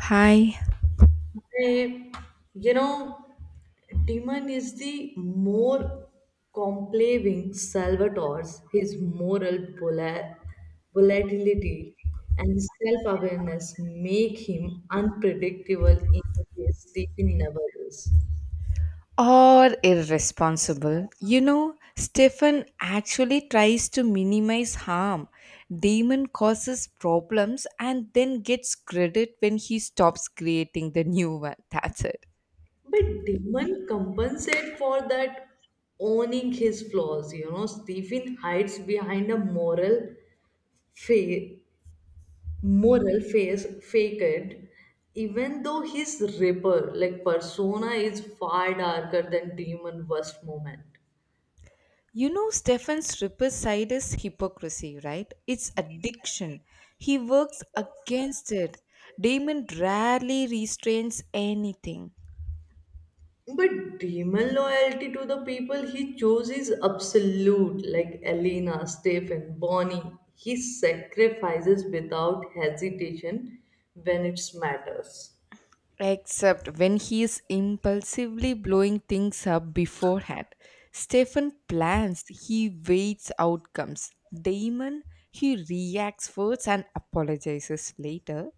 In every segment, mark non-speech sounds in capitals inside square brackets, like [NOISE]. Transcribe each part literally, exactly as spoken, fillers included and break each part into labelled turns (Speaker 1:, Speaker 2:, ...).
Speaker 1: Hi.
Speaker 2: I, you know, Demon is the more complaving Salvatore's his moral vola- volatility and self-awareness make him unpredictable in the way Stephen never is.
Speaker 1: Or irresponsible. You know, Stefan actually tries to minimize harm. Damon causes problems and then gets credit when he stops creating the new one. [LAUGHS] That's it.
Speaker 2: But Demon compensate for that owning his flaws. You know, Stephen hides behind a moral faith moral face faked even though his ripper like persona is far darker than demon worst moment.
Speaker 1: You know, Stefan's ripper side is hypocrisy, right? It's addiction. He works against it. Damon rarely restrains anything.
Speaker 2: But demon loyalty to the people he chose is absolute, like Elena, Stephen, Bonnie. He sacrifices without hesitation when it matters.
Speaker 1: Except when he is impulsively blowing things up beforehand. Stefan plans, he waits outcomes. Damon, he reacts first and apologizes later,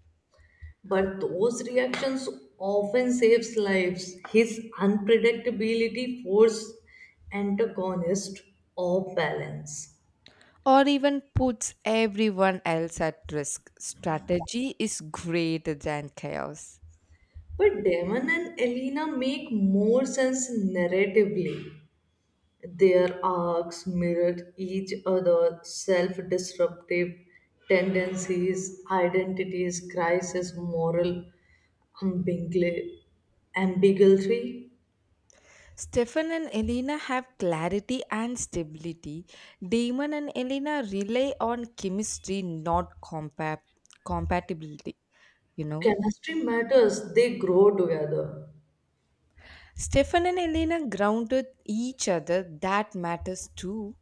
Speaker 2: But those reactions often saves lives. His unpredictability forced antagonist off balance.
Speaker 1: or even puts everyone else at risk. Strategy is greater than chaos.
Speaker 2: But Damon and Elena make more sense narratively. Their arcs mirrored each other, self-disruptive tendencies, identities, crisis, moral ambigui- ambiguity.
Speaker 1: Stefan and Elena have clarity and stability. Damon and Elena rely on chemistry, not compa- compatibility, you know.
Speaker 2: Chemistry matters, they grow together.
Speaker 1: Stefan and Elena grounded each other. That matters too.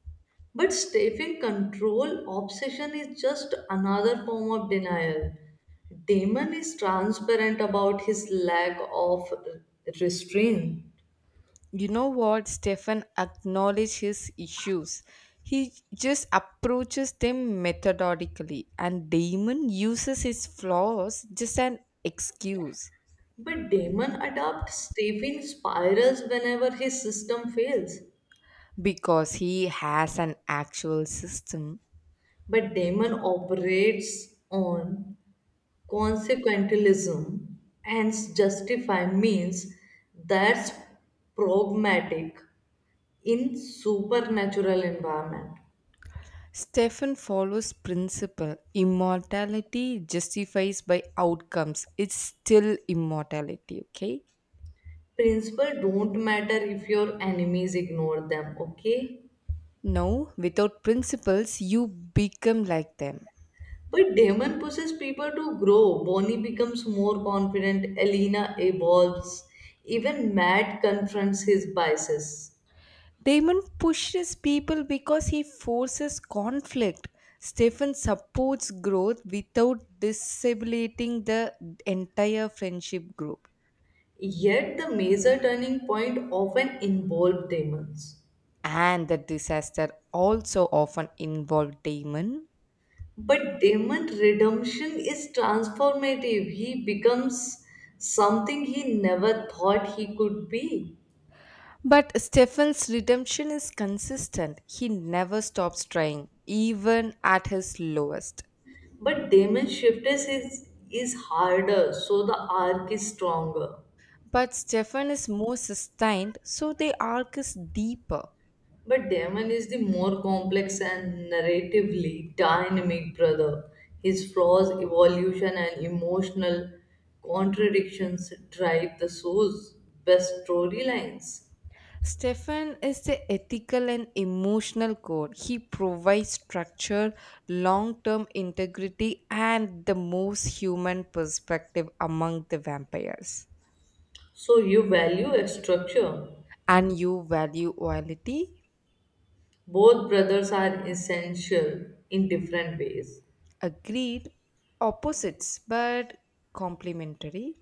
Speaker 2: But stifling control obsession is just another form of denial. Damon is transparent about his lack of restraint.
Speaker 1: You know what? Stefan acknowledged his issues. He just approaches them methodically, and Damon uses his flaws just an excuse
Speaker 2: But Damon adopts Stephen spirals whenever his system fails.
Speaker 1: because he has an actual system.
Speaker 2: But Damon operates on consequentialism and justify means that's pragmatic in supernatural environment.
Speaker 1: Stefan follows principle. Immortality justifies by outcomes. It's still immortality, okay?
Speaker 2: Principle don't matter if your enemies ignore them, okay?
Speaker 1: No, without principles, you become like them.
Speaker 2: But Damon pushes people to grow. Bonnie becomes more confident. Elena evolves. Even Matt confronts his biases.
Speaker 1: Damon pushes people because he forces conflict. Stefan supports growth without disabling the entire friendship group.
Speaker 2: Yet the major turning point often involved Damon's.
Speaker 1: And the disaster also often involved Damon.
Speaker 2: But Damon redemption is transformative. He becomes something he never thought he could be.
Speaker 1: But Stefan's redemption is consistent. He never stops trying, even at his lowest.
Speaker 2: But diamond shifters is is harder, so the arc is stronger.
Speaker 1: But Stefan is more sustained, so the arc is deeper.
Speaker 2: But Damon is the more complex and narratively dynamic brother. His flaws, evolution, and emotional contradictions drive the show's best storylines.
Speaker 1: Stefan is the ethical and emotional core. He provides structure, long term integrity, and the most human perspective among the vampires.
Speaker 2: So you value a structure.
Speaker 1: And you value loyalty?
Speaker 2: Both brothers are essential in different ways.
Speaker 1: Agreed, opposites but complementary.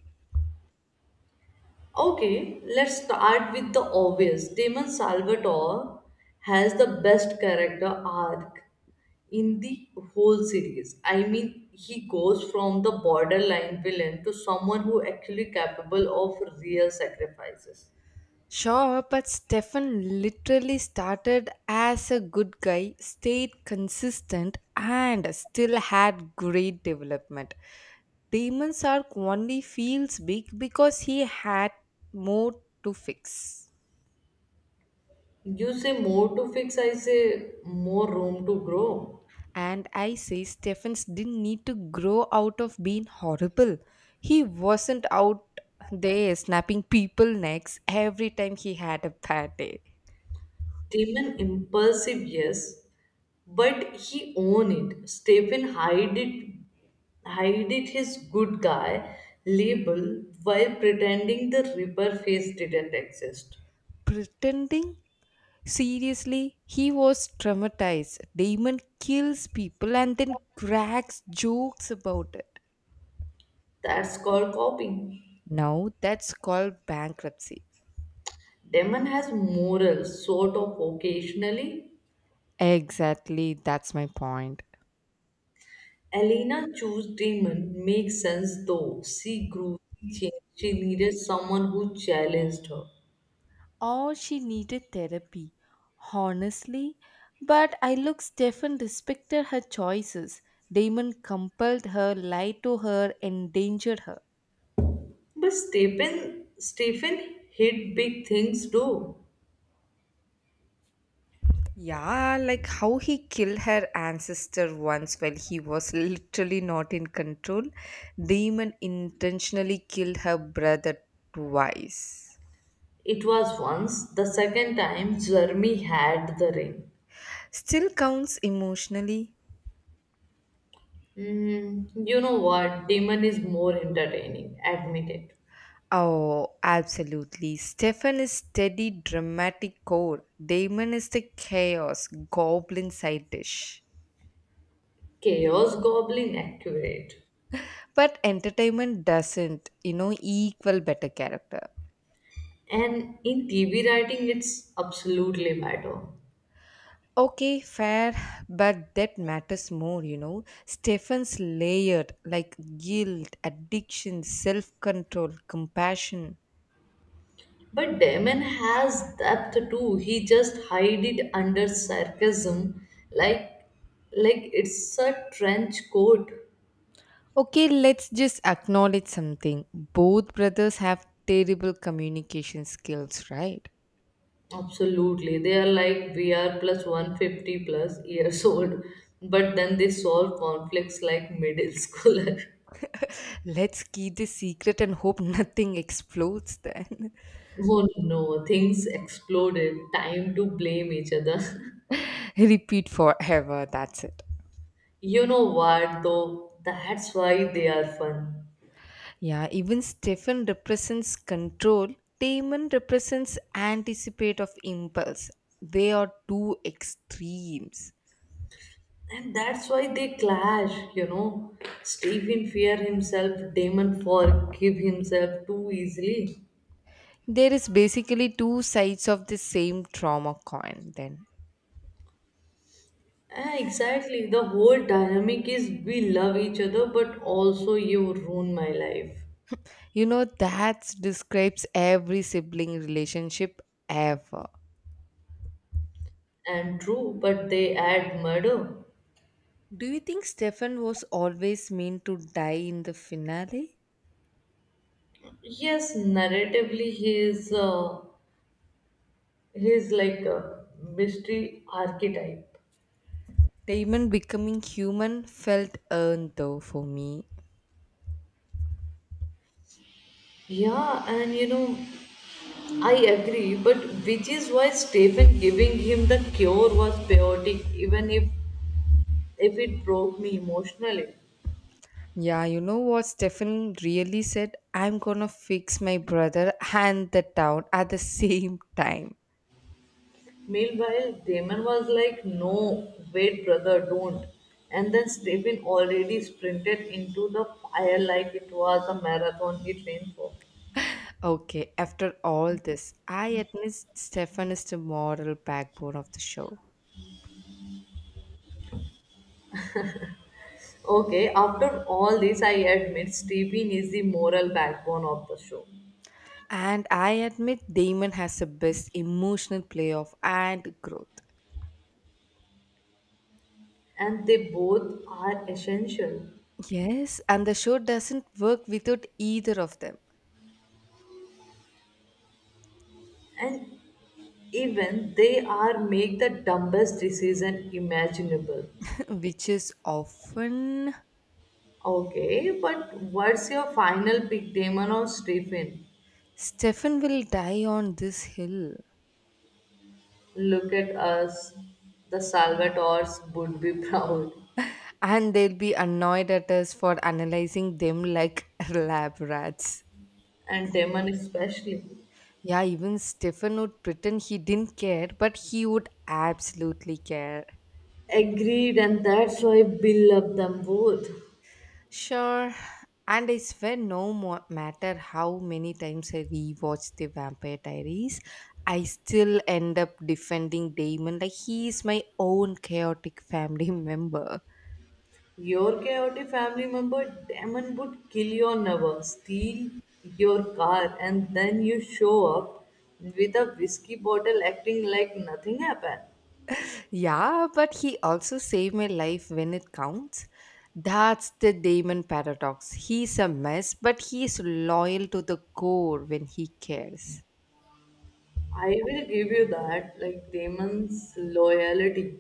Speaker 2: Okay, let's start with the obvious. Damon Salvatore has the best character arc in the whole series. I mean, he goes from the borderline villain to someone who actually capable of real sacrifices.
Speaker 1: Sure, but Stefan literally started as a good guy, stayed consistent, and still had great development. Demons Arc only feels big because he had more to fix.
Speaker 2: You say more to fix, I say more room to grow.
Speaker 1: And I say Stephens didn't need to grow out of being horrible. He wasn't out there snapping people necks every time he had a bad day.
Speaker 2: Demon impulsive, yes, but he owned it. Stephen hide it, hide it his good guy label while pretending the river face didn't exist.
Speaker 1: Pretending? Seriously, he was traumatized. Damon kills people and then cracks jokes about it.
Speaker 2: That's called copying.
Speaker 1: Now that's called bankruptcy.
Speaker 2: Damon has morals, sort of occasionally.
Speaker 1: Exactly, that's my point.
Speaker 2: Elena chose Damon. Makes sense though. She grew, changed. She needed someone who challenged her.
Speaker 1: Or she needed therapy. Honestly, but I look Stefan respected her choices. Damon compelled her, lied to her, endangered her.
Speaker 2: But Stephen, Stephen hid big things too.
Speaker 1: Yeah, like how he killed her ancestor once while he was literally not in control. Damon intentionally killed her brother twice.
Speaker 2: It was once the second time Jeremy had the ring.
Speaker 1: Still counts emotionally.
Speaker 2: Mm, you know what? Demon is more entertaining, admit it.
Speaker 1: Oh, absolutely. Stefan is steady, dramatic core. Damon is the chaos, goblin side dish.
Speaker 2: Chaos Goblin accurate.
Speaker 1: But entertainment doesn't, you know, equal better character.
Speaker 2: And in T V writing, it's absolutely better.
Speaker 1: Okay, fair, but that matters more, you know. Stefan's layered, like guilt, addiction, self control, compassion.
Speaker 2: But Damon has depth too. He just hide it under sarcasm like like it's a trench coat.
Speaker 1: Okay, let's just acknowledge something. Both brothers have terrible communication skills, right?
Speaker 2: Absolutely. They are like we are plus a hundred and fifty plus years old, but then they solve conflicts like middle [LAUGHS] schooler.
Speaker 1: Let's keep the secret and hope nothing explodes then.
Speaker 2: Oh no, things exploded. Time to blame each other. [LAUGHS]
Speaker 1: [LAUGHS] Repeat forever, that's it.
Speaker 2: You know what though? That's why they are fun.
Speaker 1: Yeah, even Stefan represents control, Damon represents anticipate of impulse. They are two extremes.
Speaker 2: And that's why they clash, you know. Stephen fear himself, Damon forgive himself too easily.
Speaker 1: There is basically two sides of the same trauma coin then.
Speaker 2: Ah, exactly. The whole dynamic is we love each other, but also you ruin my life.
Speaker 1: You know that describes every sibling relationship ever.
Speaker 2: And true, but they add murder.
Speaker 1: Do you think Stefan was always meant to die in the finale?
Speaker 2: Yes, narratively, he is uh, he is like a mystery archetype.
Speaker 1: Damon becoming human felt earned though for me.
Speaker 2: Yeah, and you know, I agree. But which is why Stephen giving him the cure was chaotic, even if if it broke me emotionally.
Speaker 1: Yeah, you know what Stefan really said? I'm gonna fix my brother and the town at the same time.
Speaker 2: Meanwhile, Damon was like, No, wait, brother, don't. And then Stephen already sprinted into the fire like it was a marathon he trained for.
Speaker 1: Okay, after all this, I admit Stefan is the moral backbone of the show.
Speaker 2: Okay, after all this, I admit Stephen is the moral backbone of the show.
Speaker 1: And I admit Damon has the best emotional playoff and growth.
Speaker 2: And they both are essential.
Speaker 1: Yes, and the show doesn't work without either of them.
Speaker 2: And even they are make the dumbest decision imaginable.
Speaker 1: Which is often.
Speaker 2: Okay, but what's your final pick, Damon or Stephen?
Speaker 1: Stefan will die on this hill.
Speaker 2: Look at us. The Salvators would be [LAUGHS] proud,
Speaker 1: And they'll be annoyed at us for analyzing them like [LAUGHS] lab rats.
Speaker 2: and Damon especially.
Speaker 1: Yeah, even Stefan would pretend he didn't care, but he would absolutely care.
Speaker 2: Agreed, and that's why Bill loved them both.
Speaker 1: Sure. And I swear, no mo- matter how many times I rewatch The Vampire Diaries, I still end up defending Damon like he is my own chaotic family [LAUGHS] member.
Speaker 2: Your chaotic family member Damon would kill your nerve, steal your car, and then you show up with a whiskey bottle acting like nothing happened.
Speaker 1: Yeah, but he also saved my life when it counts. That's the Damon paradox. He's a mess, but he's loyal to the core when he cares.
Speaker 2: I will give you that. Like Damon's loyalty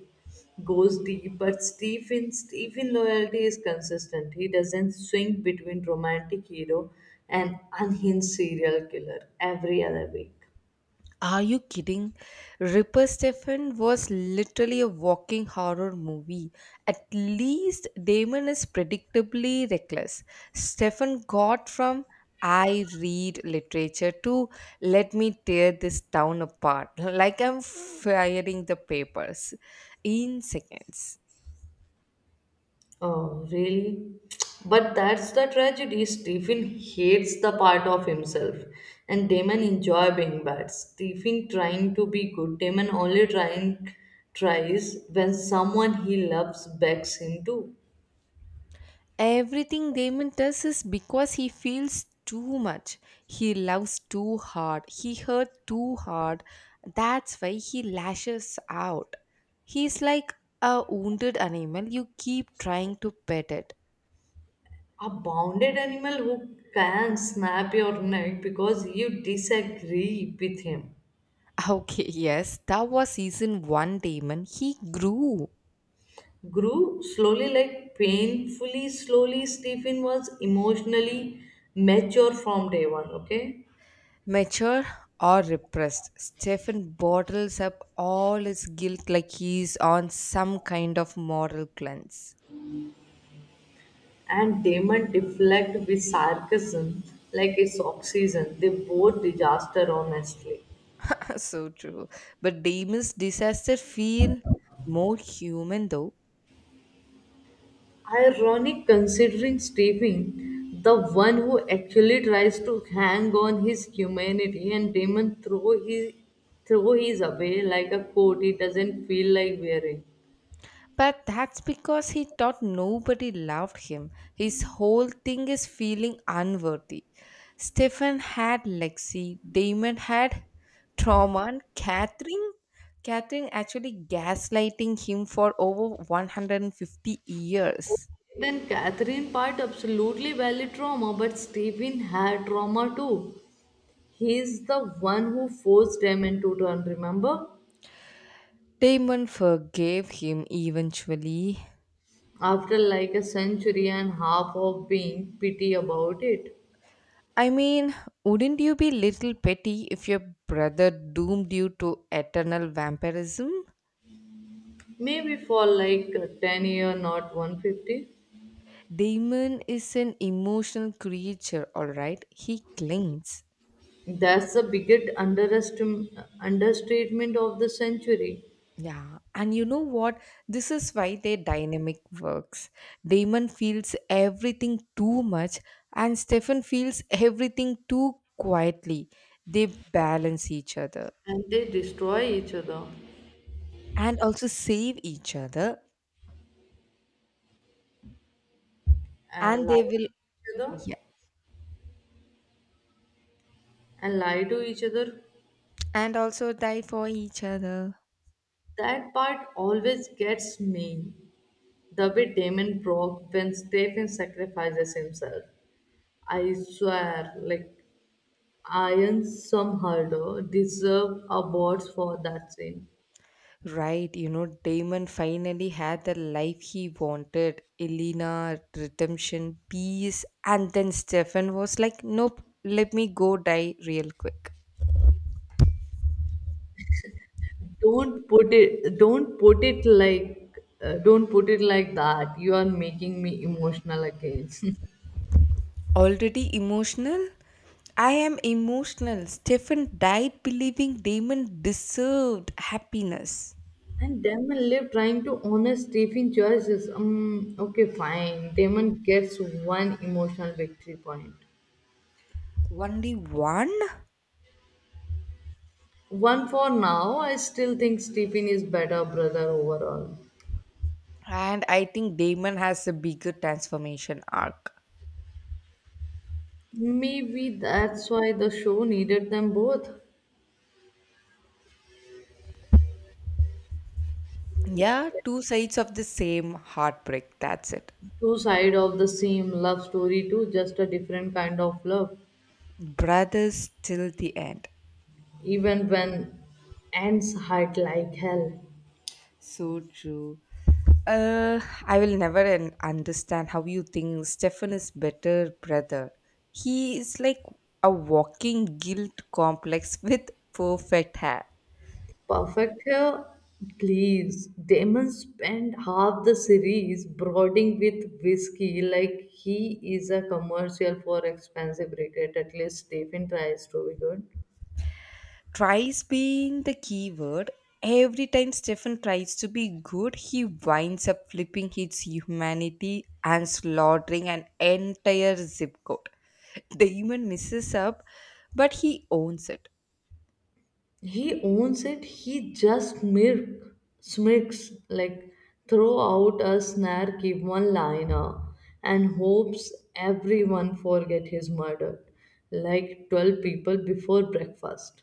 Speaker 2: goes deep, but Stephen Stephen loyalty is consistent. He doesn't swing between romantic hero and unhinged serial killer every other week.
Speaker 1: Are you kidding? Ripper Stephen was literally a walking horror movie. At least Damon is predictably reckless. Stephen got from I read literature to let me tear this town apart [LAUGHS] like I'm firing the papers in seconds.
Speaker 2: Oh, really? But that's the tragedy. Stephen hates the part of himself, and Damon enjoy being bad. Stephen trying to be good. Damon only trying tries when someone he loves begs him to.
Speaker 1: Everything Damon does is because he feels too much. He loves too hard. He hurt too hard. That's why he lashes out. He's like a wounded animal. You keep trying to pet it.
Speaker 2: A bounded animal who can snap your neck because you disagree with him.
Speaker 1: [LAUGHS] Okay, yes, that was season one, Damon. He grew.
Speaker 2: Grew slowly, like painfully slowly. Stephen was emotionally mature from day one, okay?
Speaker 1: Mature or repressed, Stefan bottles up all his guilt like he's on some kind of moral cleanse.
Speaker 2: And Damon deflect with sarcasm like it's oxygen. They both disaster honestly.
Speaker 1: [LAUGHS] So true. But Deimos' disaster feel more human though.
Speaker 2: Ironic considering Stephen, the one who actually tries to hang on his humanity and Damon throw his throw his away like a coat he doesn't feel like wearing.
Speaker 1: But that's because he thought nobody loved him. His whole thing is feeling unworthy. Stefan had Lexi, Damon had trauma, and Catherine, Catherine actually gaslighting him for over a hundred fifty years.
Speaker 2: Then Catherine part absolutely valid trauma, but Stephen had trauma too. He's the one who forced Damon to turn, remember?
Speaker 1: Damon forgave him eventually.
Speaker 2: After like a century and half of being pity about it.
Speaker 1: I mean, wouldn't you be little petty if your brother doomed you to eternal vampirism?
Speaker 2: Maybe for like ten year, not a hundred and fifty.
Speaker 1: Damon is an emotional creature, alright? He clings.
Speaker 2: That's the biggest underestim- understatement of the century.
Speaker 1: Yeah, and you know what? This is why their dynamic works. Damon feels everything too much, and Stefan feels everything too quietly. They balance each other
Speaker 2: And they destroy each other
Speaker 1: and also save each other, and
Speaker 2: and lie to
Speaker 1: they will,
Speaker 2: each other
Speaker 1: yeah,
Speaker 2: and lie to each other.
Speaker 1: and also die for each other.
Speaker 2: That part always gets me. The way Damon broke when Stephen sacrifices himself. I swear, like Iron some harder deserve awards for that scene.
Speaker 1: Right, you know, Damon finally had the life he wanted. Elena, redemption, peace, and then Stefan was like, "Nope, let me go die real quick."
Speaker 2: Don't put it don't put it like uh, don't put it like that. You are making me emotional again. [LAUGHS]
Speaker 1: Already emotional? I am emotional. Stefan died believing Damon deserved happiness.
Speaker 2: And Damon live trying to honor Stephen choices. Um, okay, fine. Damon gets one emotional victory point.
Speaker 1: Only one?
Speaker 2: One for now. I still think Stephen is better brother overall.
Speaker 1: And I think Damon has a bigger transformation arc.
Speaker 2: Maybe that's why the show needed them both.
Speaker 1: Yeah, two sides of the same heartbreak, that's it.
Speaker 2: Two side of the same love story too, just a different kind of love.
Speaker 1: Brothers till the end.
Speaker 2: even when ants hurt like hell.
Speaker 1: So true. Uh, I will never un- understand how you think Stefan is better brother. He is like a walking guilt complex [LAUGHS] with perfect hair.
Speaker 2: Perfect here, please. Damon spent half the series brooding with whiskey like he is a commercial for expensive regret. At least Stephen tries to be good.
Speaker 1: Tries being the keyword. Every time Stefan tries to be good, he winds up flipping his humanity and slaughtering an entire zip code. The human misses up, but he owns it.
Speaker 2: he owns it. He just smirk, smirks like throw out a snarky one liner and hopes everyone forget his murder like twelve people before breakfast.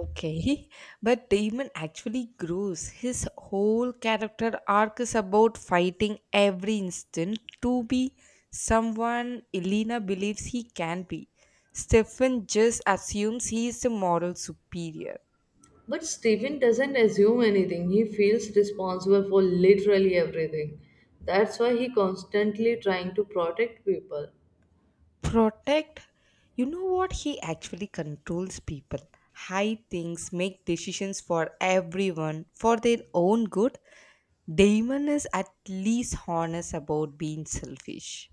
Speaker 1: Okay, [LAUGHS] but Damon actually grows. His whole character arc is about fighting every instant to be someone Elena believes he can be. Stefan just assumes he is the moral superior.
Speaker 2: [LAUGHS] But stephen doesn't assume anything. He feels responsible for literally everything. That's why he constantly trying to protect people.
Speaker 1: Protect, you know what? He actually controls people, hide things, make decisions for everyone for their own good. Damon is at least honest about being selfish.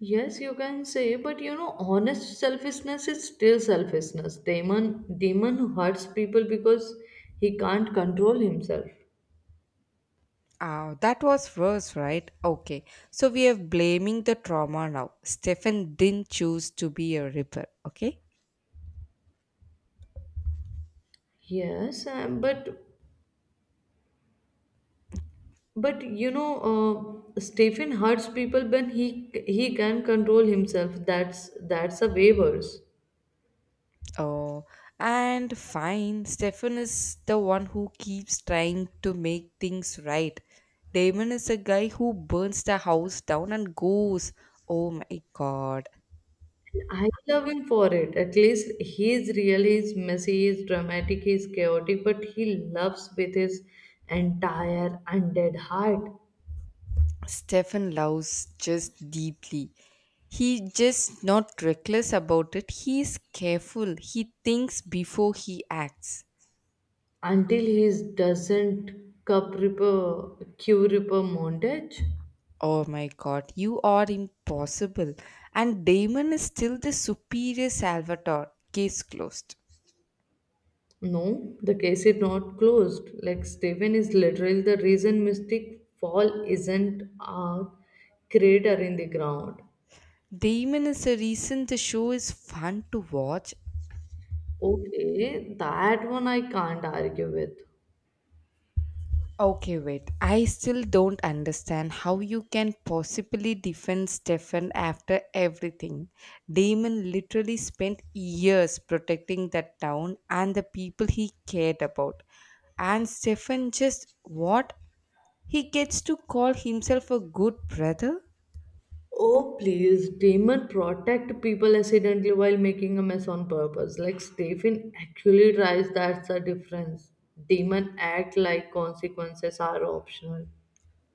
Speaker 2: Yes, you can say, but you know, honest selfishness is still selfishness. Demon, demon hurts people because he can't control himself.
Speaker 1: Ah, that was worse, right? Okay, so we are blaming the trauma now. Stefan didn't choose to be a ripper, okay?
Speaker 2: Yes, um, but but you know, uh, Stephen hurts people when he he can control himself. That's that's a way worse.
Speaker 1: Oh, and fine, Stefan is the one who keeps trying to make things right. Damon is a guy who burns the house down and goes, "Oh my god."
Speaker 2: I love him for it. At least he's real, he's messy, he's dramatic, he's chaotic, but he loves with his entire undead heart.
Speaker 1: Stefan loves just deeply. He just not reckless about it. He is careful. He thinks before he acts.
Speaker 2: Until he doesn't Capriper, Curiper Montage?
Speaker 1: Oh my god, you are impossible. And Damon is still the superior Salvatore. Case closed.
Speaker 2: No, the case is not closed. Like Stephen is literally the reason Mystic Fall isn't a crater in the ground.
Speaker 1: Damon is the reason the show is fun to watch.
Speaker 2: Okay, that one I can't argue with.
Speaker 1: Okay, wait. I still don't understand how you can possibly defend Stefan after everything. Damon literally spent years protecting that town and the people he cared about. And Stefan just what? He gets to call himself a good brother?
Speaker 2: Oh please, demon protect people accidentally while making a mess on purpose. Like Stephen actually tries, that's the difference. Demon act like consequences are optional.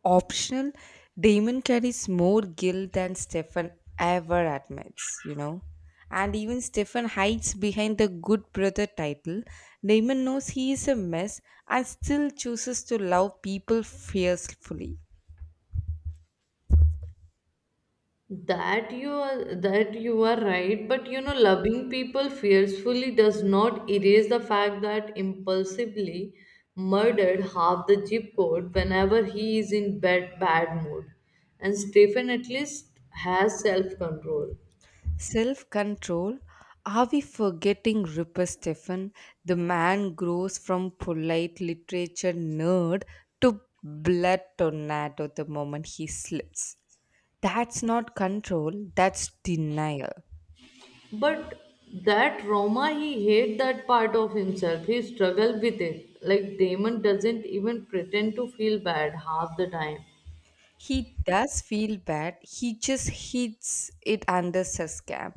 Speaker 1: Optional. Damon carries more guilt than Stefan ever admits, you know. And even Stefan hides behind the good brother title. Damon knows he is a mess and still chooses to love people fiercely.
Speaker 2: That you are that you are right, but you know, loving people fiercely does not erase the fact that impulsively murdered half the zip code whenever he is in bad bad mood. And Stephen at least has self-control.
Speaker 1: Self control. Are we forgetting Ripper Stefan? The man grows from polite literature nerd to blood tornado the moment he slips. That's not control, that's denial.
Speaker 2: But that trauma, he hate that part of himself. He struggled with it. Like Damon doesn't even pretend to feel bad half the time.
Speaker 1: He does feel bad, he just hits it under Sascam.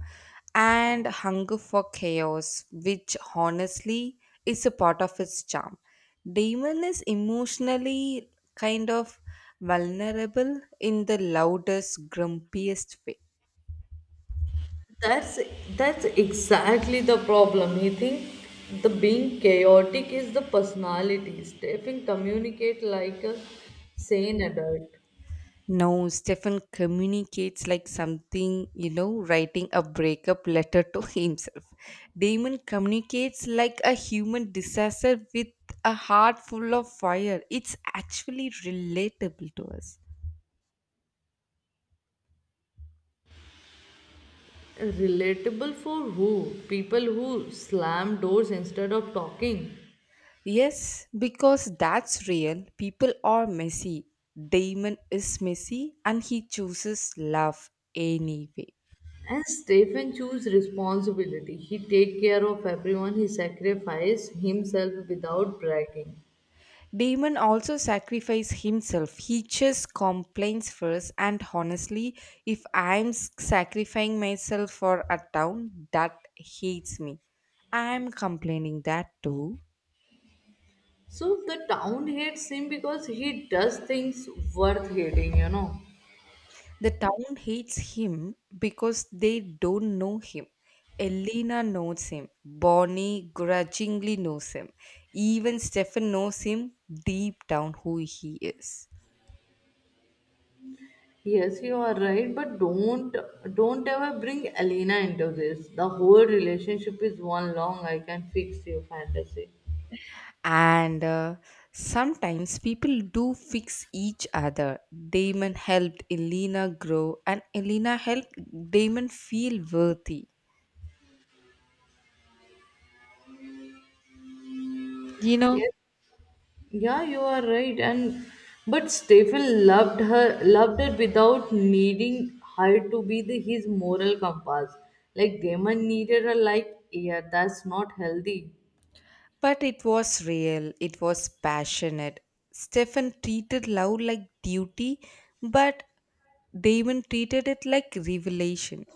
Speaker 1: And hunger for chaos, which honestly is a part of his charm. Damon is emotionally kind of vulnerable in the loudest, grumpiest way.
Speaker 2: That's that's exactly the problem. He think the being chaotic is the personality. Stephen communicate like a sane adult.
Speaker 1: No, Stefan communicates like something, you know, writing a breakup letter to [LAUGHS] himself. Damon communicates like a human disaster with a heart full of fire. It's actually relatable to us.
Speaker 2: Relatable for who? People who slam doors instead of talking.
Speaker 1: Yes, because that's real. People are messy. Damon is messy and he chooses love anyway.
Speaker 2: And Stephen choose responsibility. He take care of everyone. He sacrifice himself without bragging.
Speaker 1: Damon also sacrifices himself. He just complains first, and honestly, if I'm sacrificing myself for a town that hates me, I'm complaining that too.
Speaker 2: So the town hates him because he does things worth hating, you know.
Speaker 1: The town hates him because they don't know him. Elena knows him. Bonnie grudgingly knows him. Even Stefan knows him deep down who he is.
Speaker 2: Yes, you are right, but don't don't ever bring Elena into this. The whole relationship is one long I can fix you fantasy.
Speaker 1: and uh, sometimes people do fix each other. Damon helped Elena grow and Elena helped Damon feel worthy. You know,
Speaker 2: Yes. Yeah, you are right. And but Stephen loved her loved her without needing her to be the, his moral compass. Like Damon needed her like, yeah, that's not healthy.
Speaker 1: but it was real, it was passionate. Stefan treated love like duty, but Damon treated it like revelation.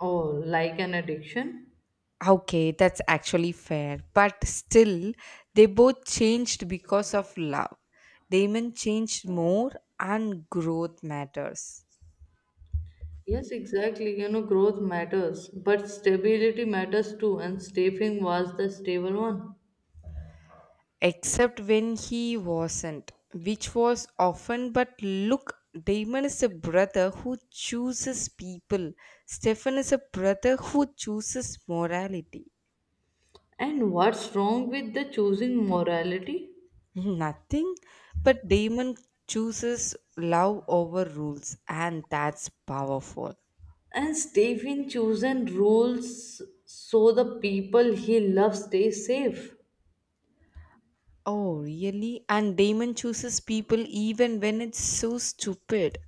Speaker 2: Oh, like an addiction?
Speaker 1: Okay, that's actually fair, but still they both changed because of love. Damon changed more, and growth matters.
Speaker 2: Yes, exactly. You know, growth matters, but stability matters too, and Stephen was the stable one.
Speaker 1: Except when he wasn't, which was often. But look, Damon is a brother who chooses people, Stefan is a brother who chooses morality.
Speaker 2: And what's wrong with the choosing morality?
Speaker 1: [LAUGHS] Nothing, but Damon chooses love over rules, and that's powerful.
Speaker 2: And Stephen chosen rules so the people he loves stay safe.
Speaker 1: Oh, really? And Damon chooses people even when it's so stupid.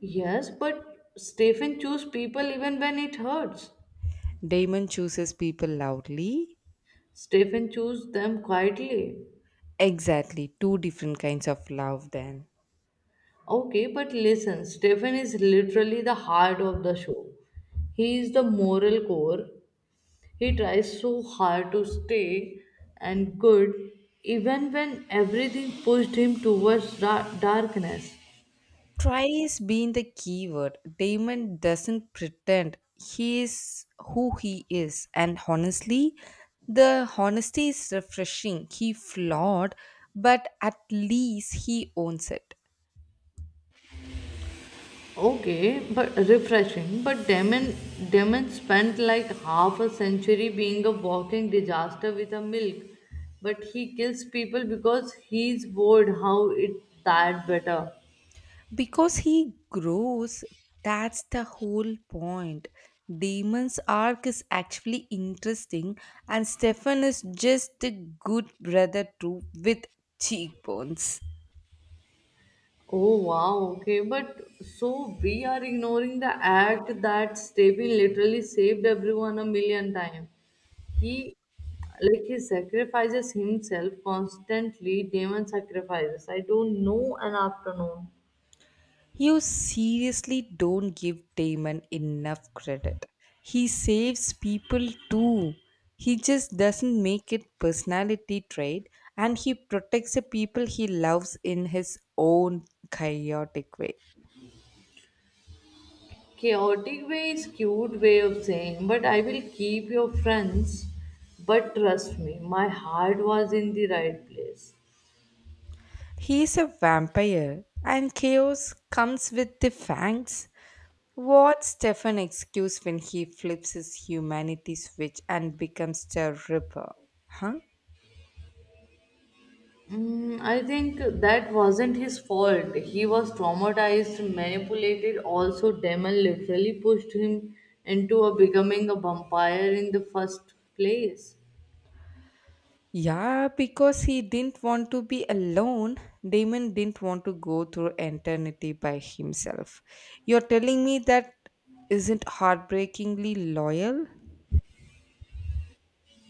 Speaker 2: Yes, but Stephen choose people even when it hurts.
Speaker 1: Damon chooses people loudly.
Speaker 2: Stephen choose them quietly.
Speaker 1: Exactly, two different kinds of love then.
Speaker 2: Okay, but listen, Stephen is literally the heart of the show. He is the moral core. He tries so hard to stay and good even when everything pushed him towards da- darkness.
Speaker 1: Try is being the key word. Damon doesn't pretend he is who he is, and honestly, the honesty is refreshing. He flawed, but at least he owns it
Speaker 2: Okay, but refreshing. But Damon, Damon spent like half a century being a walking disaster with a milk. But he kills people because he's bored. How it that better?
Speaker 1: because he grows. That's the whole point. Damon's arc is actually interesting, and Stefan is just a good brother too with cheekbones.
Speaker 2: Oh wow, okay. But so we are ignoring the act that Stephen literally saved everyone a million times. He like he sacrifices himself constantly. Damon sacrifices. I don't know an afternoon.
Speaker 1: You seriously don't give Damon enough credit. He saves people too. He just doesn't make it personality trait and he protects the people he loves in his own chaotic way.
Speaker 2: Chaotic way is cute way of saying, but I will keep your friends. But trust me, my heart was in the right place.
Speaker 1: He's a vampire and chaos comes with the fangs. What's Stefan excuse when he flips his humanity switch and becomes the ripper? Huh?
Speaker 2: Mm, I think that wasn't his fault. He was traumatized, manipulated. Also, Damon literally pushed him into a becoming a vampire in the first place.
Speaker 1: Yeah, because he didn't want to be alone. Damon didn't want to go through eternity by himself. You're telling me that isn't heartbreakingly loyal?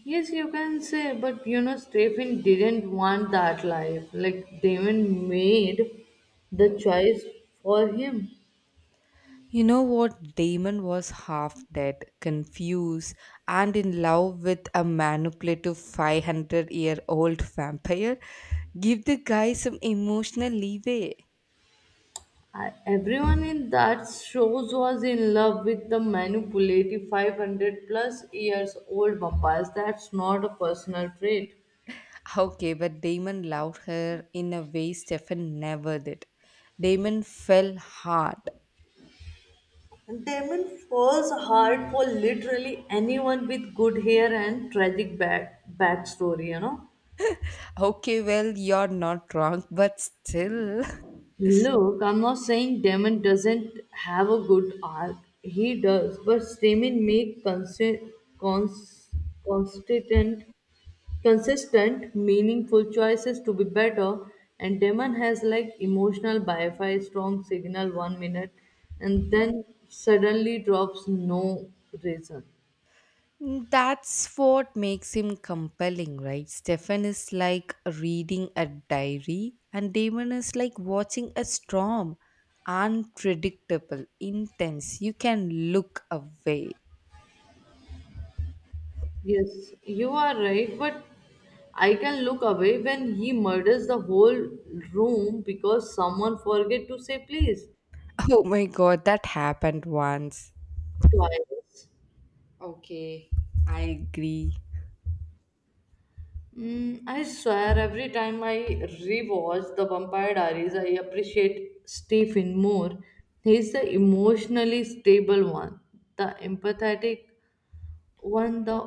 Speaker 2: Yes, you can say, but you know, Stephen didn't want that life. Like, Damon made the choice for him.
Speaker 1: You know what? Damon was half dead, confused, and in love with a manipulative five hundred year old vampire. Give the guy some emotional leeway.
Speaker 2: I, everyone in that shows was in love with the manipulative five hundred plus years old vampires. That's not a personal trait.
Speaker 1: Okay, but Damon loved her in a way Stefan never did. Damon fell hard.
Speaker 2: And Damon falls hard for literally anyone with good hair and tragic back backstory, you know.
Speaker 1: Okay, well, you're not wrong, but still,
Speaker 2: Look, I'm not saying Damon doesn't have a good arc. He does, but streaming make consi- cons- consistent, consistent, meaningful choices to be better. And Damon has like emotional bi-fi strong signal one minute, and then suddenly drops no reason.
Speaker 1: [LAUGHS] that's what makes him compelling, right? Stefan is like reading a diary, and Damon is like watching a storm. Unpredictable, intense. You can look away.
Speaker 2: Yes, you are right, but I can look away when he murders the whole room because someone forget to say please.
Speaker 1: [LAUGHS] Oh my god, that happened once.
Speaker 2: Twice.
Speaker 1: Okay, I agree.
Speaker 2: Mm, I swear, every time I rewatch The Vampire Diaries, I appreciate Stephen more. He's the emotionally stable one, the empathetic one, the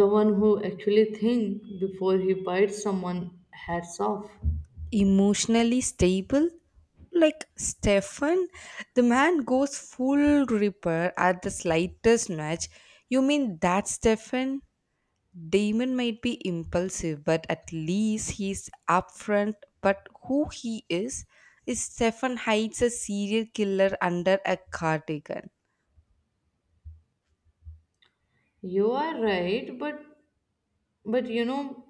Speaker 2: the one who actually thinks before he bites someone heads off.
Speaker 1: Emotionally stable, like Stefan, the man goes full ripper at the slightest nudge. You mean that Stefan? Damon might be impulsive, but at least he's upfront but who he is. Is Stefan hides a serial killer under a cardigan.
Speaker 2: You are right, but but you know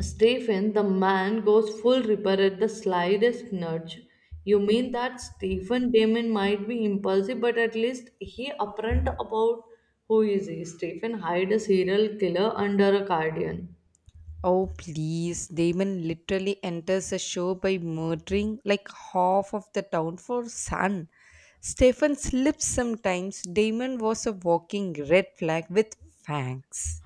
Speaker 2: Stephen, the man goes full ripper at the slightest nudge. You mean that Stephen Damon might be impulsive, but at least he upfront about who is he. Stephen hide a serial killer under a guardian.
Speaker 1: Oh, please. Damon literally enters the show by murdering like half of the town for Sun. Stefan slips sometimes. Damon was a walking red flag with fangs.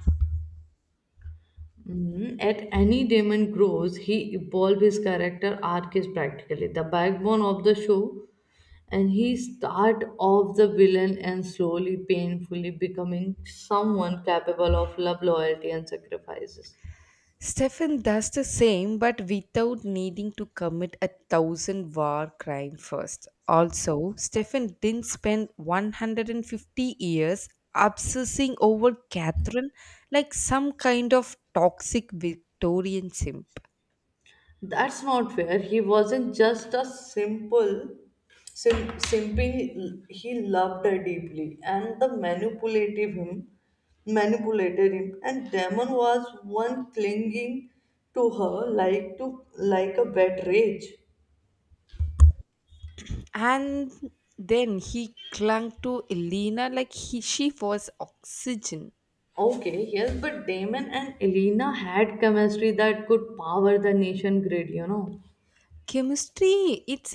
Speaker 2: Mhm. At any Damon grows, he evolve his character arc is practically the backbone of the show. And he start off the villain and slowly, painfully becoming someone capable of love, loyalty, and sacrifices.
Speaker 1: Stefan does the same but without needing to commit a thousand war crime first. Also, Stefan didn't spend a hundred fifty years obsessing over Catherine like some kind of toxic Victorian simp.
Speaker 2: That's not fair. He wasn't just a simple sim, simping. He loved her deeply, and the manipulative him manipulated him. And Damon was one clinging to her like to like a wet rage.
Speaker 1: And then he clung to Elena like he, she was oxygen.
Speaker 2: Okay, yes, but Damon and Elena had chemistry that could power the nation grid. You know.
Speaker 1: Chemistry, it's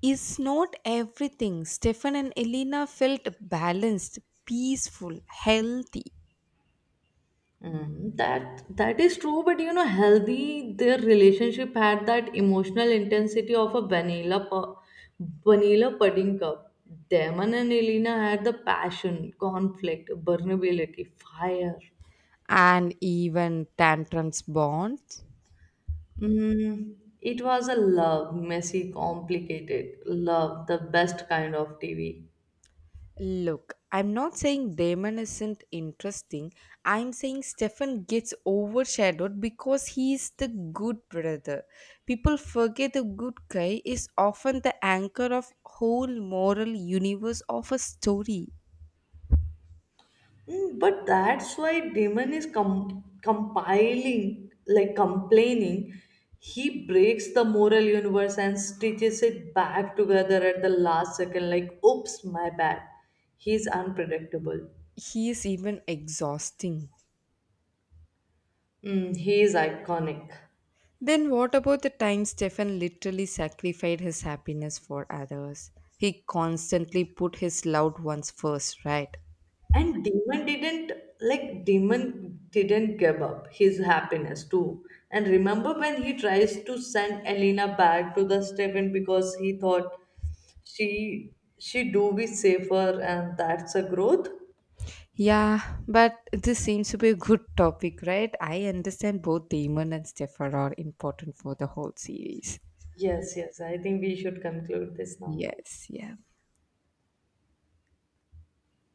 Speaker 1: is not everything. Stefan and Elena felt balanced, peaceful, healthy,
Speaker 2: Mm, that that is true, but you know, healthy their relationship had that emotional intensity of a vanilla pu- vanilla pudding cup. Damon and Elena had the passion, conflict, vulnerability, fire.
Speaker 1: and even tantrums bonds.
Speaker 2: Mm, it was a love, messy, complicated love, the best kind of T V.
Speaker 1: Look, I'm not saying Damon isn't interesting. I'm saying Stefan gets overshadowed because he's the good brother. People forget the good guy is often the anchor of whole moral universe of a story.
Speaker 2: Mm, But that's why Damon is com- compiling, like complaining. He breaks the moral universe and stitches it back together at the last second, like, oops, my bad. He's unpredictable.
Speaker 1: He is even exhausting.
Speaker 2: Mm, he is iconic.
Speaker 1: Then what about the time Stefan literally sacrificed his happiness for others? He constantly put his loved ones first, right?
Speaker 2: And Damon didn't like Damon didn't give up his happiness too. And remember when he tries to send Elena back to the Stephen because he thought she she do be safer and that's a growth.
Speaker 1: Yeah, but this seems to be a good topic, right? I understand both Damon and Stefan are important for the whole series.
Speaker 2: Yes, yes. I think we should conclude this now.
Speaker 1: Yes, yeah.